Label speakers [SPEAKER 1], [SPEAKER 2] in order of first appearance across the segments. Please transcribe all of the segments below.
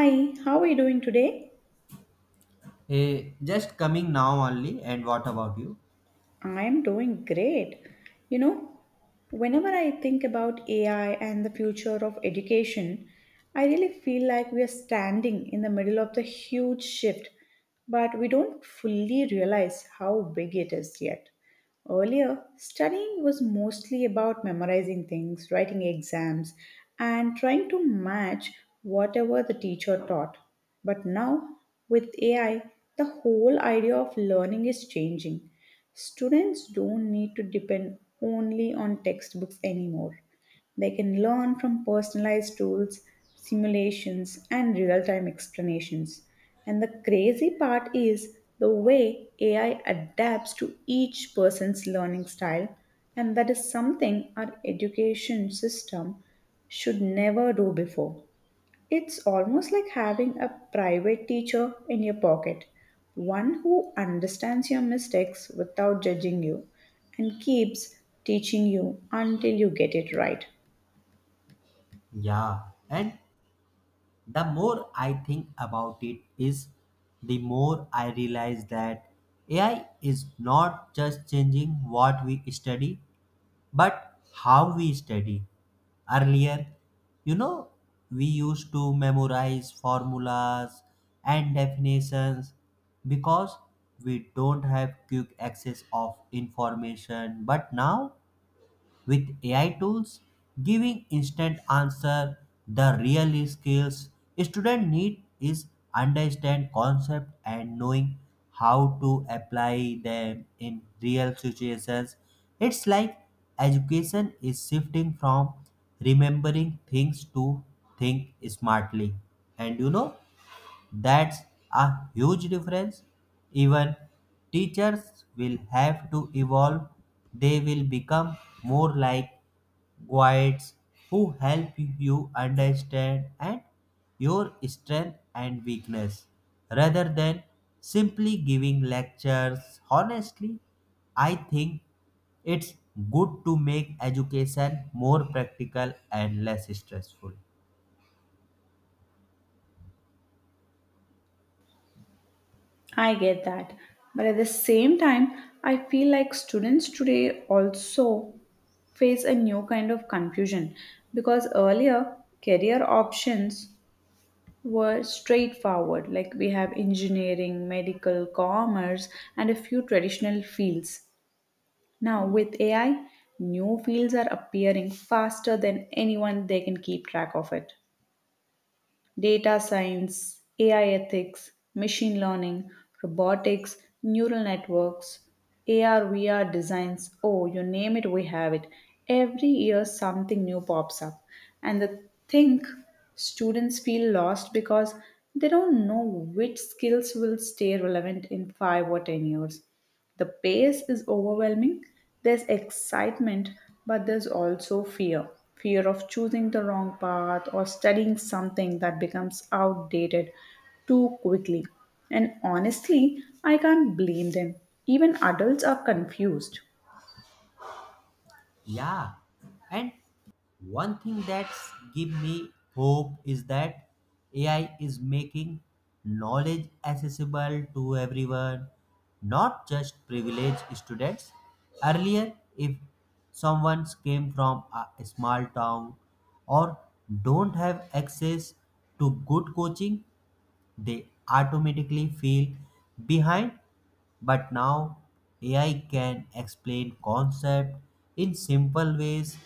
[SPEAKER 1] Hi, how are you doing today?
[SPEAKER 2] Just coming now only, and what about you?
[SPEAKER 1] I'm doing great. You know, whenever I think about AI and the future of education, I really feel like we are standing in the middle of the huge shift, but we don't fully realize how big it is yet. Earlier, studying was mostly about memorizing things, writing exams, and trying to match whatever the teacher taught. But now, with AI, the whole idea of learning is changing. Students don't need to depend only on textbooks anymore. They can learn from personalized tools, simulations, and real time explanations. And the crazy part is the way AI adapts to each person's learning style, and that is something our education system should never do before. It's almost like having a private teacher in your pocket, one who understands your mistakes without judging you and keeps teaching you until you get it right.
[SPEAKER 2] Yeah, and the more I think about it, is the more I realize that AI is not just changing what we study, but how we study. Earlier, you know, we used to memorize formulas and definitions because we don't have quick access of information. But now with AI tools giving instant answer. The real skills student need is understand concept and knowing how to apply them in real situations. It's like education is shifting from remembering things to think smartly. And that's a huge difference. Even teachers will have to evolve. They will become more like guides who help you understand and your strength and weakness rather than simply giving lectures. Honestly, I think it's good to make education more practical and less stressful.
[SPEAKER 1] I get that. But at the same time, I feel like students today also face a new kind of confusion because earlier career options were straightforward, like we have engineering, medical, commerce, and a few traditional fields. Now, with AI, new fields are appearing faster than anyone they can keep track of it. Data science, AI ethics, machine learning, robotics, neural networks, AR, VR designs, oh, you name it, we have it. Every year, something new pops up. And the thing, students feel lost because they don't know which skills will stay relevant in 5 or 10 years. The pace is overwhelming. There's excitement, but there's also fear, fear of choosing the wrong path or studying something that becomes outdated too quickly. And honestly, I can't blame them. Even adults are confused.
[SPEAKER 2] Yeah, and one thing that's give me hope is that AI is making knowledge accessible to everyone, not just privileged students. Earlier, if someone came from a small town or don't have access to good coaching, they automatically feel behind. But now AI can explain concept in simple ways,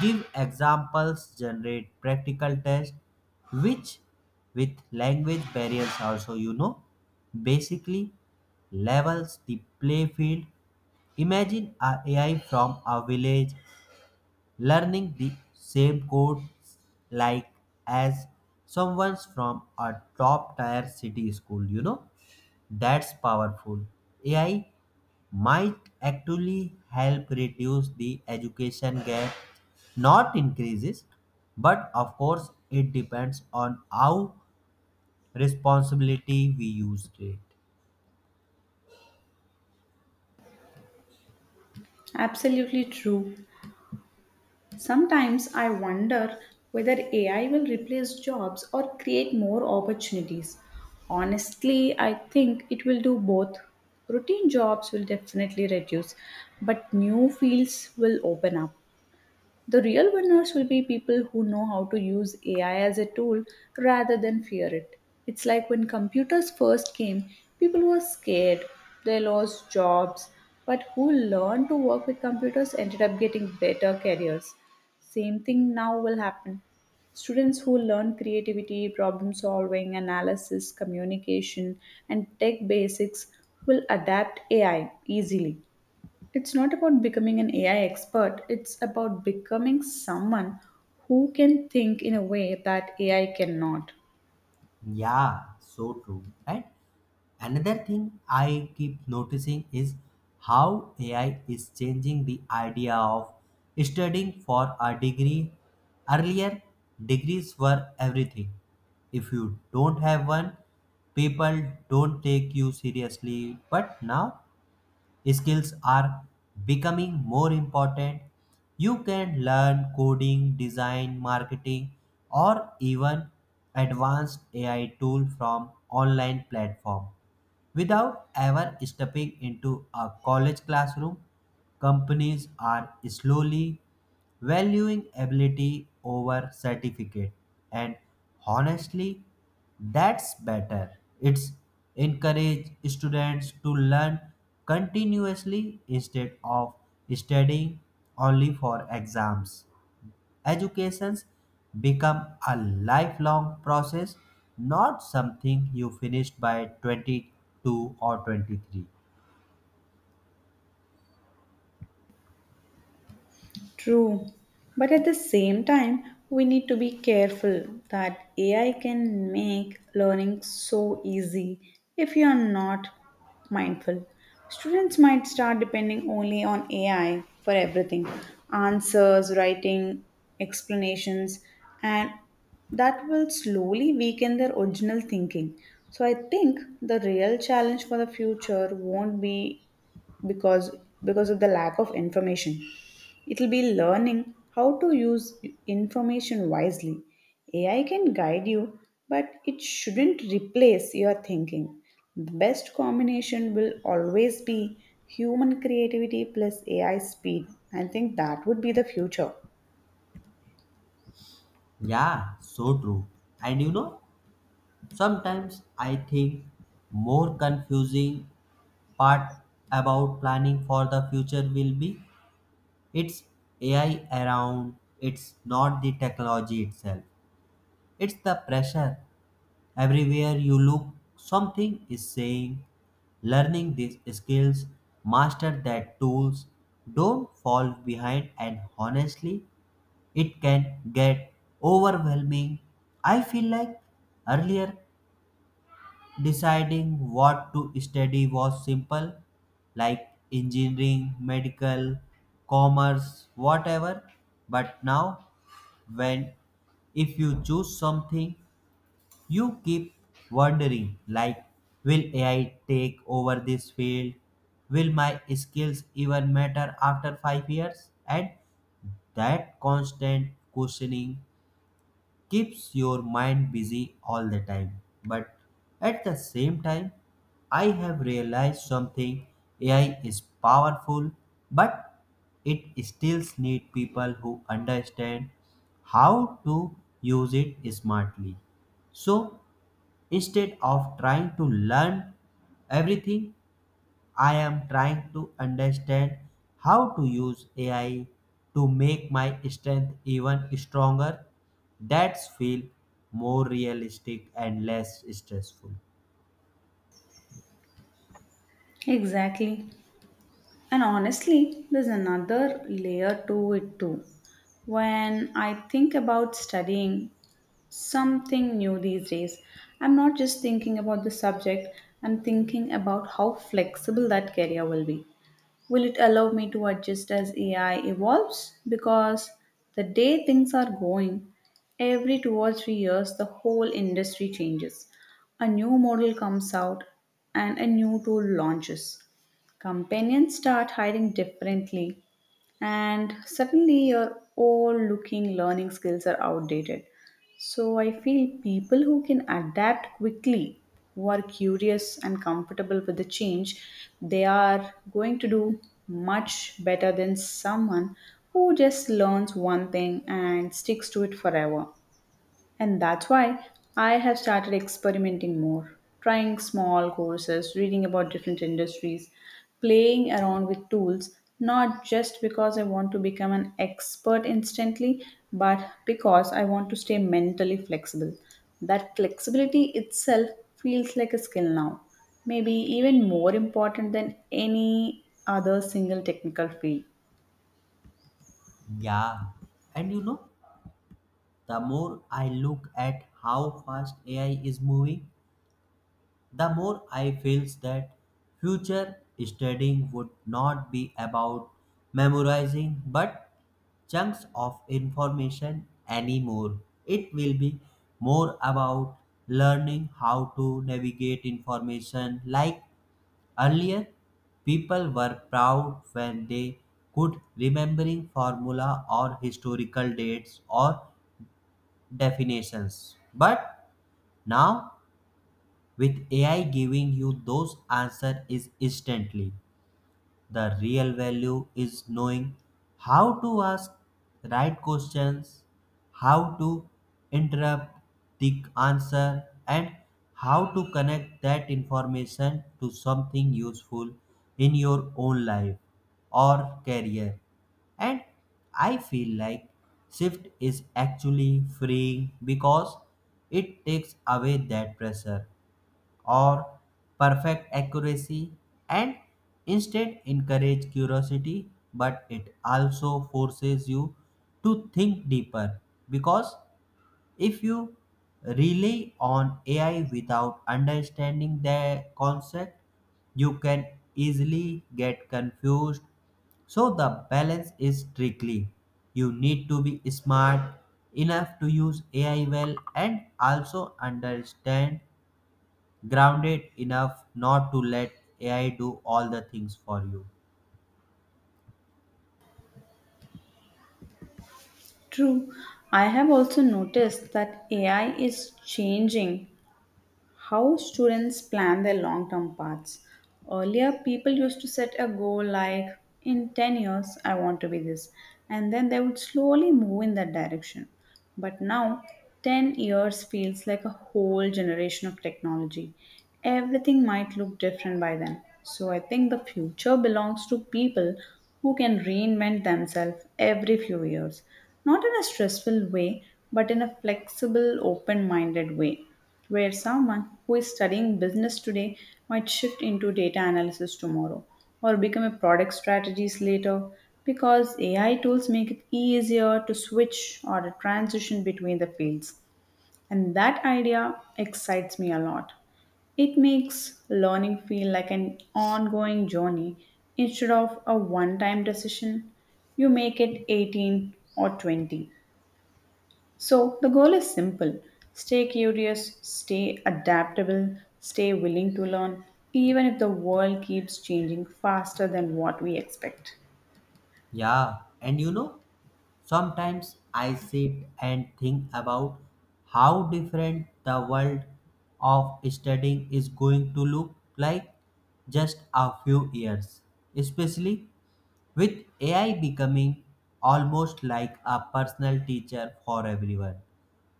[SPEAKER 2] give examples, generate practical tests, which with language barriers also basically levels the play field. Imagine a AI from a village learning the same codes, like as someone's from a top tier city school. That's powerful. AI might actually help reduce the education gap, not increases. But of course it depends on how responsibility we use it.
[SPEAKER 1] Absolutely true. Sometimes I wonder whether AI will replace jobs or create more opportunities. Honestly, I think it will do both. Routine jobs will definitely reduce, but new fields will open up. The real winners will be people who know how to use AI as a tool rather than fear it. It's like when computers first came, people were scared, they lost jobs, but who learned to work with computers ended up getting better careers. Same thing now will happen. Students who learn creativity, problem solving, analysis, communication, and tech basics will adapt AI easily. It's not about becoming an AI expert, it's about becoming someone who can think in a way that AI cannot.
[SPEAKER 2] Yeah, so true. And another thing I keep noticing is how AI is changing the idea of studying for a degree. Earlier, degrees were everything. If you don't have one, people don't take you seriously. But now, skills are becoming more important. You can learn coding, design, marketing, or even advanced AI tool from online platform. Without ever stepping into a college classroom, companies are slowly valuing ability over certificate. And honestly, that's better. It's encourage students to learn continuously instead of studying only for exams. Educations become a lifelong process, not something you finish by 22 or 23.
[SPEAKER 1] True. But at the same time, we need to be careful that AI can make learning so easy if you are not mindful. Students might start depending only on AI for everything, answers, writing, explanations, and that will slowly weaken their original thinking. So I think the real challenge for the future won't be because because of the lack of information, it will be learning how to use information wisely. AI can guide you, but it shouldn't replace your thinking. The best combination will always be human creativity plus AI speed. I think that would be the future.
[SPEAKER 2] Yeah, so true. And sometimes I think more confusing part about planning for the future will be it's AI around, it's not the technology itself. It's the pressure. Everywhere you look, something is saying, learning these skills, master that tools, don't fall behind. And honestly, it can get overwhelming. I feel like earlier deciding what to study was simple, like engineering, medical, commerce, whatever. But now, when if you choose something you keep wondering, like, will AI take over this field? Will my skills even matter after 5 years? And that constant questioning keeps your mind busy all the time. But at the same time, I have realized something AI is powerful, but it still needs people who understand how to use it smartly. So, Instead of trying to learn everything, I am trying to understand how to use AI to make my strength even stronger. That's feel more realistic and less stressful.
[SPEAKER 1] Exactly. And honestly, there's another layer to it too. When I think about studying something new these days, I'm not just thinking about the subject, I'm thinking about how flexible that career will be. Will it allow me to adjust as AI evolves? Because the day things are going, every 2 or 3 years, the whole industry changes. A new model comes out and a new tool launches. Companions start hiring differently, and suddenly your all looking learning skills are outdated. So I feel people who can adapt quickly, who are curious and comfortable with the change, they are going to do much better than someone who just learns one thing and sticks to it forever. And that's why I have started experimenting more, trying small courses, reading about different industries, playing around with tools, not just because I want to become an expert instantly, but because I want to stay mentally flexible. That flexibility itself feels like a skill now, maybe even more important than any other single technical field.
[SPEAKER 2] Yeah. And the more I look at how fast AI is moving, the more I feels that future studying would not be about memorizing but chunks of information anymore. It will be more about learning how to navigate information, like earlier people were proud when they could remembering formula or historical dates or definitions. But now with AI giving you those answers is instantly. The real value is knowing how to ask right questions, how to interrupt the answer, and how to connect that information to something useful in your own life or career. And I feel like shift is actually freeing because it takes away that pressure or perfect accuracy and instead encourage curiosity. But it also forces you to think deeper, because if you rely on AI without understanding the concept you can easily get confused. So the balance is tricky. You need to be smart enough to use AI well and also understand grounded enough not to let AI do all the things for you.
[SPEAKER 1] True. I have also noticed that AI is changing how students plan their long term paths. Earlier, people used to set a goal like, in 10 years, I want to be this, and then they would slowly move in that direction. But now, 10 years feels like a whole generation of technology. Everything might look different by then. So, I think the future belongs to people who can reinvent themselves every few years, not in a stressful way, but in a flexible, open minded way, where someone who is studying business today might shift into data analysis tomorrow or become a product strategist later because AI tools make it easier to switch or to transition between the fields. And that idea excites me a lot. It makes learning feel like an ongoing journey instead of a one time decision you make it 18 or 20. So the goal is simple, stay curious, stay adaptable, stay willing to learn, even if the world keeps changing faster than what we expect.
[SPEAKER 2] Yeah, and sometimes I sit and think about how different the world of studying is going to look like just a few years, especially with AI becoming almost like a personal teacher for everyone.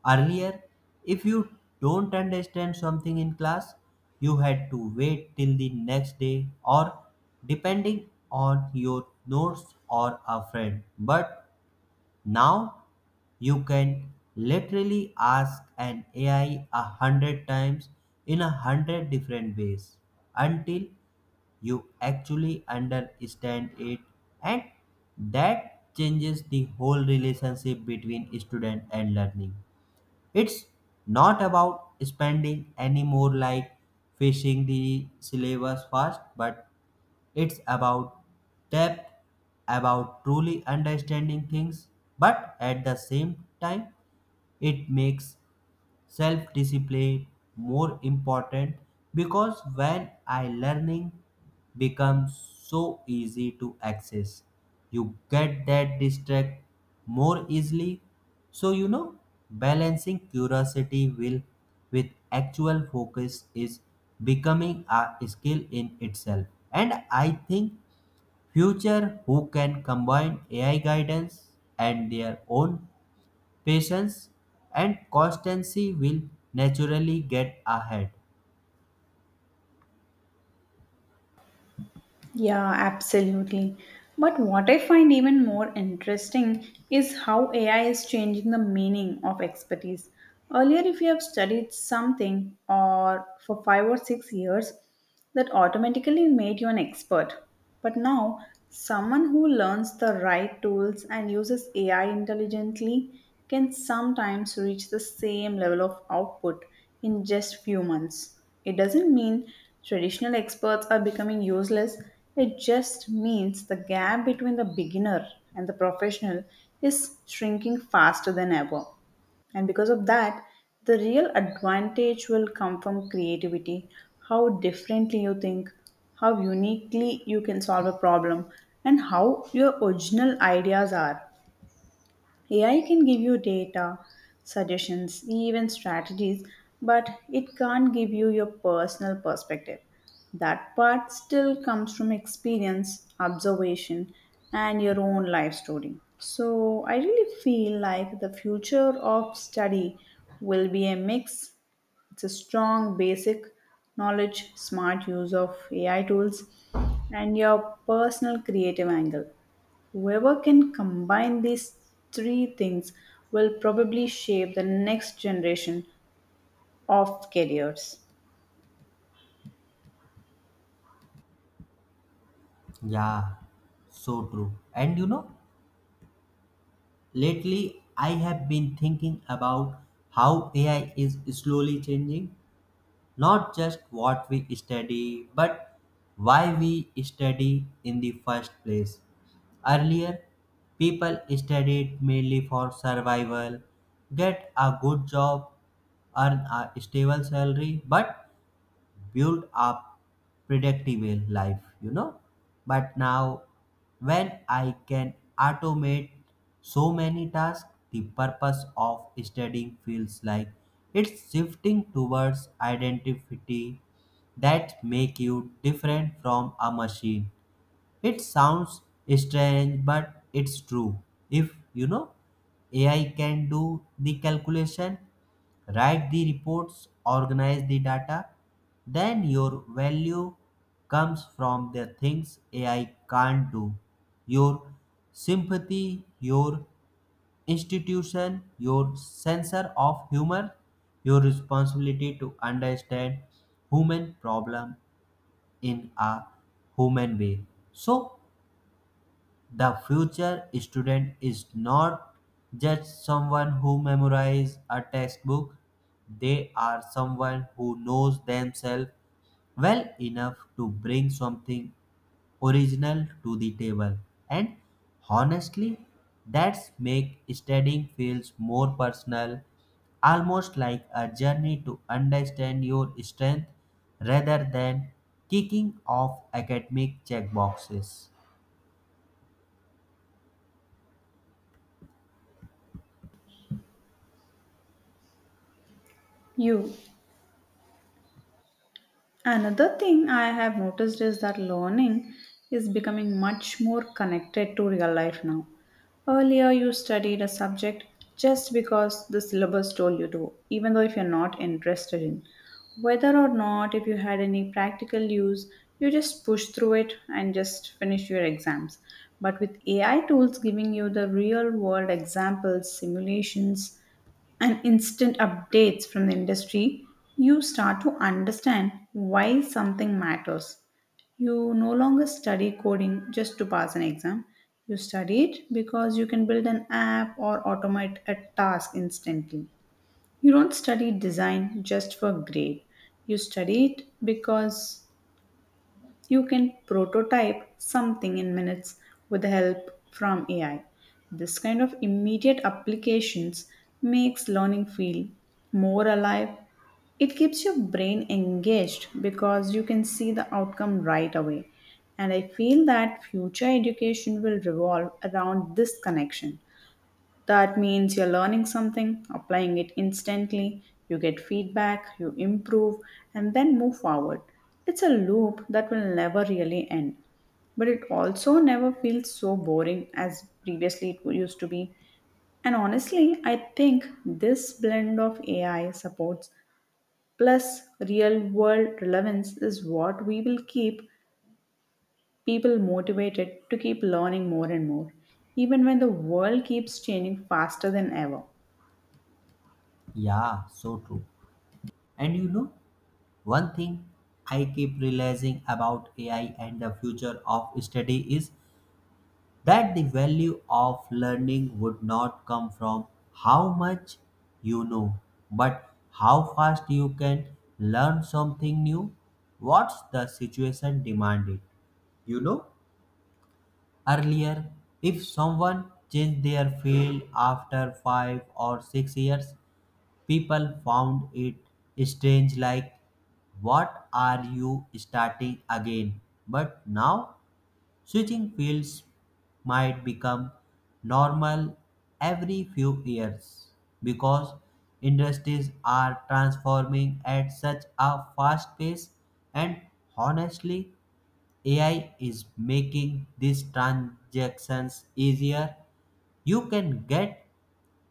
[SPEAKER 2] Earlier, if you don't understand something in class, you had to wait till the next day or depending on your notes or a friend. But now you can literally ask an AI 100 times in 100 different ways until you actually understand it. And that changes the whole relationship between student and learning. It's not about spending any more like fishing the syllabus fast, but it's about depth, about truly understanding things. But at the same time, it makes self discipline more important, because when I learning becomes so easy to access you get that distract more easily. So balancing curiosity will with actual focus is becoming a skill in itself. And I think future who can combine AI guidance and their own patience and constancy will naturally get ahead.
[SPEAKER 1] Yeah, absolutely. But what I find even more interesting is how AI is changing the meaning of expertise. Earlier, if you have studied something or for 5 or 6 years, that automatically made you an expert. But now, someone who learns the right tools and uses AI intelligently can sometimes reach the same level of output in just few months. It doesn't mean traditional experts are becoming useless, it just means the gap between the beginner and the professional is shrinking faster than ever. And because of that, the real advantage will come from creativity, how differently you think, how uniquely you can solve a problem, and how your original ideas are. AI can give you data, suggestions, even strategies, but it can't give you your personal perspective. That part still comes from experience, observation, and your own life story. So, I really feel like the future of study will be a mix, it's a strong basic knowledge, smart use of AI tools, and your personal creative angle. Whoever can combine these three things will probably shape the next generation of careers.
[SPEAKER 2] Yeah, so true. And lately I have been thinking about how AI is slowly changing not just what we study, but why we study in the first place. Earlier, people studied mainly for survival, get a good job, earn a stable salary, but build up predictable life. But now, when I can automate so many tasks, the purpose of studying feels like it's shifting towards identity that make you different from a machine. It sounds strange, but it's true. If you know AI can do the calculation, write the reports, organize the data, then your value comes from the things AI can't do. Your sympathy, your institution, your sense of humor, your responsibility to understand human problem in a human way. So the future student is not just someone who memorizes a textbook, they are someone who knows themselves well enough to bring something original to the table. And honestly, that's make studying feels more personal, almost like a journey to understand your strength rather than kicking off academic checkboxes.
[SPEAKER 1] You. Another thing I have noticed is that learning is becoming much more connected to real life now. Earlier, you studied a subject just because the syllabus told you to, even though if you're not interested in. Whether or not, if you had any practical use, you just push through it and just finish your exams. But with AI tools giving you the real world examples, simulations, and instant updates from the industry, you start to understand why something matters. You no longer study coding just to pass an exam. You study it because you can build an app or automate a task instantly. You don't study design just for grade. You study it because you can prototype something in minutes with the help from AI. This kind of immediate applications makes learning feel more alive. It keeps your brain engaged because you can see the outcome right away. And I feel that future education will revolve around this connection. That means you're learning something, applying it instantly, you get feedback, you improve, and then move forward. It's a loop that will never really end. But it also never feels so boring as previously it used to be. And honestly, I think this blend of AI supports plus real world relevance is what we will keep people motivated to keep learning more and more, even when the world keeps changing faster than ever.
[SPEAKER 2] Yeah, so true. And one thing I keep realizing about AI and the future of study is that the value of learning would not come from how much you know, but how fast you can learn something new. What's the situation demanded? You know, earlier, if someone changed their field after 5 or 6 years, people found it strange like, what are you starting again? But now, switching fields might become normal every few years, because industries are transforming at such a fast pace. And honestly, AI is making these transactions easier. You can get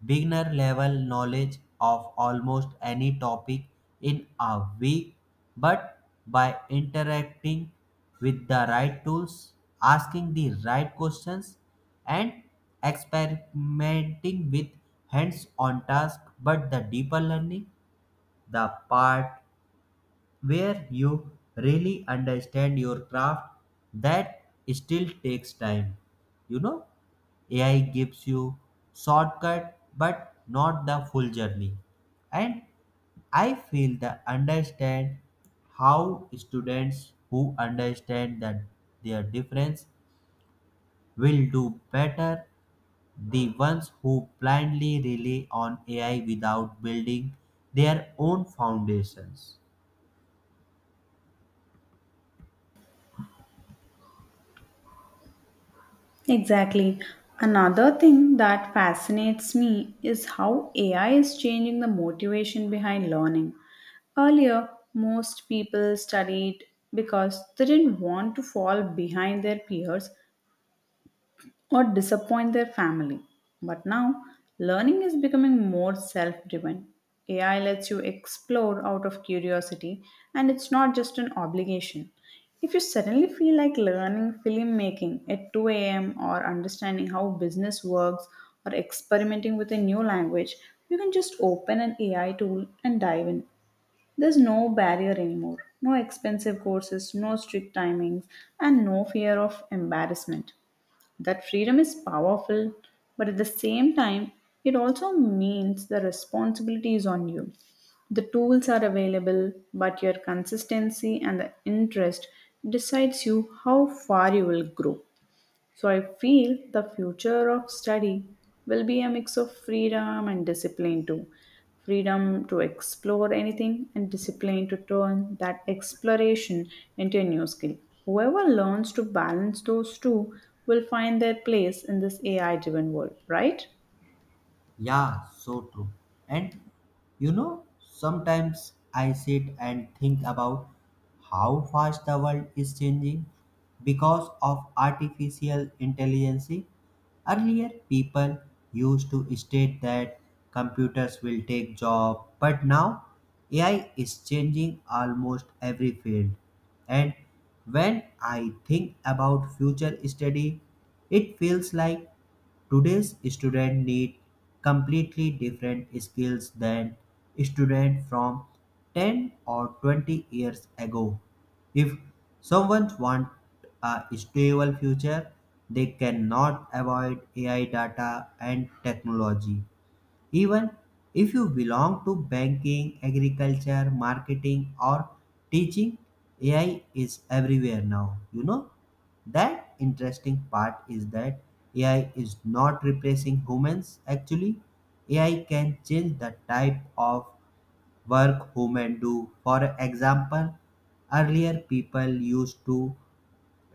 [SPEAKER 2] beginner level knowledge of almost any topic in a week, but by interacting with the right tools, asking the right questions, and experimenting with hands on tasks. But the deeper learning, the part where you really understand your craft, that still takes time, you know. AI gives you shortcut but not the full journey. And I feel that understand how students who understand that their difference will do better the ones who blindly rely on AI without building their own foundations.
[SPEAKER 1] Exactly. Another thing that fascinates me is how AI is changing the motivation behind learning. Earlier, most people studied because they didn't want to fall behind their peers or disappoint their family. But now, learning is becoming more self driven. AI lets you explore out of curiosity, and it's not just an obligation. If you suddenly feel like learning filmmaking at 2 a.m., or understanding how business works, or experimenting with a new language, you can just open an AI tool and dive in. There's no barrier anymore, no expensive courses, no strict timings, and no fear of embarrassment. That freedom is powerful, but at the same time, it also means the responsibility is on you. The tools are available, but your consistency and the interest decides you how far you will grow. So I feel the future of study will be a mix of freedom and discipline too. Freedom to explore anything and discipline to turn that exploration into a new skill. Whoever learns to balance those two will find their place in this AI driven world, right?
[SPEAKER 2] Yeah, so true. And sometimes I sit and think about how fast the world is changing because of artificial intelligence. Earlier, people used to state that computers will take job, but now AI is changing almost every field. And when I think about future study, it feels like today's students need completely different skills than students from 10 or 20 years ago. If someone wants a stable future, they cannot avoid AI data and technology. Even if you belong to banking, agriculture, marketing, or teaching, AI is everywhere now. That interesting part is that AI is not replacing humans actually. AI can change the type of work human do. For example, earlier people used to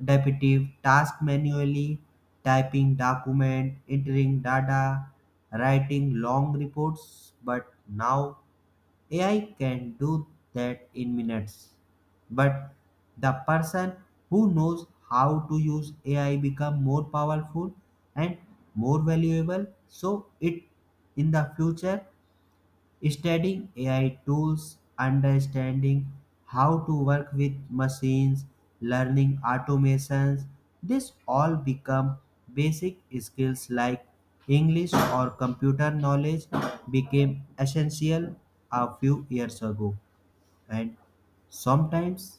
[SPEAKER 2] repetitive task manually, typing document, entering data, writing long reports, but now AI can do that in minutes. But the person who knows how to use AI become more powerful and more valuable. So it in the future, studying AI tools, understanding how to work with machines, learning automations, this all become basic skills like English or computer knowledge became essential a few years ago. And sometimes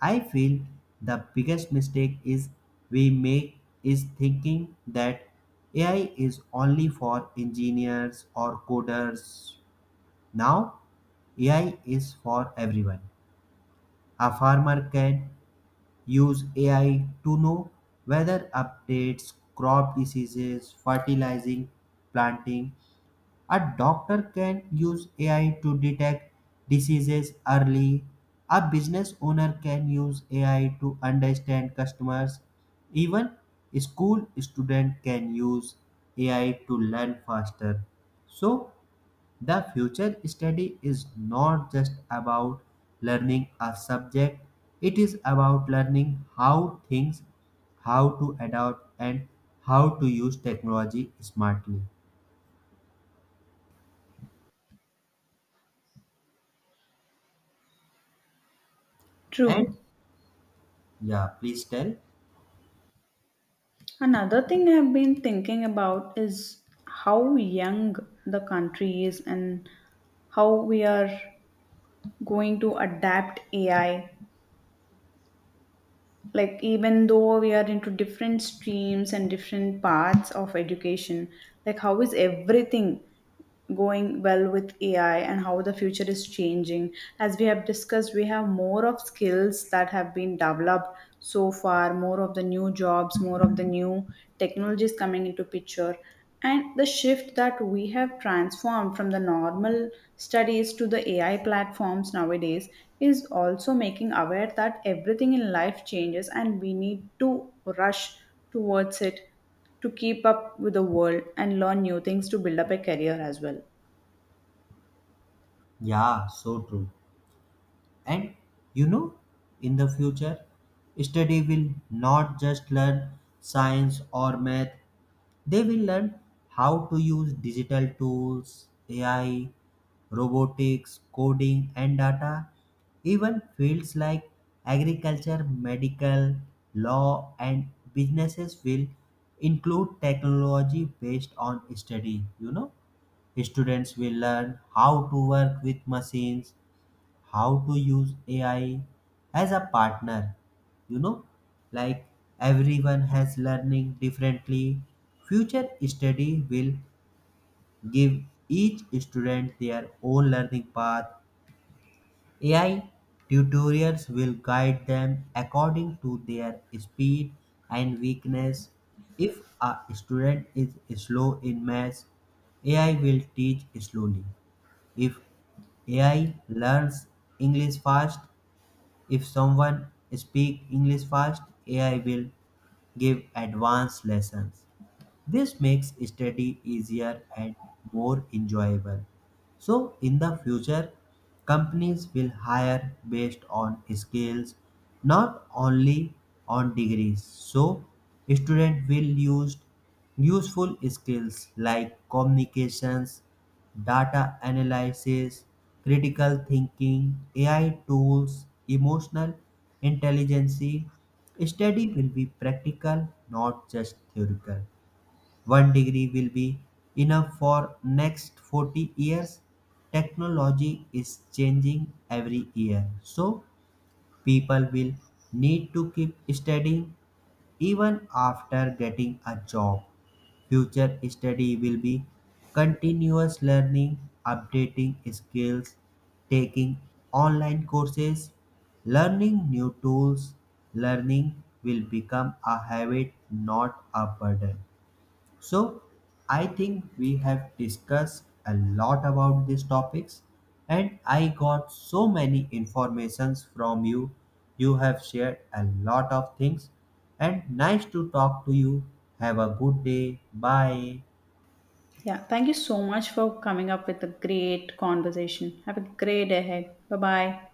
[SPEAKER 2] I feel the biggest mistake is we make is thinking that AI is only for engineers or coders. Now, AI is for everyone. A farmer can use AI to know weather updates, crop diseases, fertilizing, planting. A doctor can use AI to detect diseases early. A business owner can use AI to understand customers. Even school student can use AI to learn faster. So the future study is not just about learning a subject, it is about learning how things, how to adapt, and how to use technology smartly. And
[SPEAKER 1] True.
[SPEAKER 2] yeah, please tell.
[SPEAKER 1] Another thing I've been thinking about is how young the country is and how we are going to adapt AI, like even though we are into different streams and different paths of education, like how is everything going well with AI and how the future is changing. As we have discussed, we have more of skills that have been developed so far, more of the new jobs, more of the new technologies coming into picture. And the shift that we have transformed from the normal studies to the AI platforms nowadays is also making aware that everything in life changes and we need to rush towards it to keep up with the world and learn new things to build up a career as well.
[SPEAKER 2] Yeah, so true. And you know, in the future, study will not just learn science or math, they will learn how to use digital tools, AI, robotics, coding, and data, even fields like agriculture, medical, law, and businesses will include technology based on study. Students will learn how to work with machines, how to use AI as a partner. You know, like everyone has learning differently. Future study will give each student their own learning path. AI tutorials will guide them according to their speed and weakness. If a student is slow in maths, AI will teach slowly. If AI learns English fast, if someone speaks English fast, AI will give advanced lessons. This makes study easier and more enjoyable. So, in the future, companies will hire based on skills, not only on degrees. So, students will use useful skills like communications, data analysis, critical thinking, AI tools, emotional intelligence. Study will be practical, not just theoretical. One degree will be enough for next 40 years. Technology is changing every year. So people will need to keep studying even after getting a job. Future study will be continuous learning, updating skills, taking online courses, learning new tools. Learning will become a habit, not a burden. So, I think we have discussed a lot about these topics and I got so many informations from you. You have shared a lot of things and nice to talk to you. Have a good day. Bye.
[SPEAKER 1] Yeah, thank you so much for coming up with a great conversation. Have a great day ahead. Bye bye.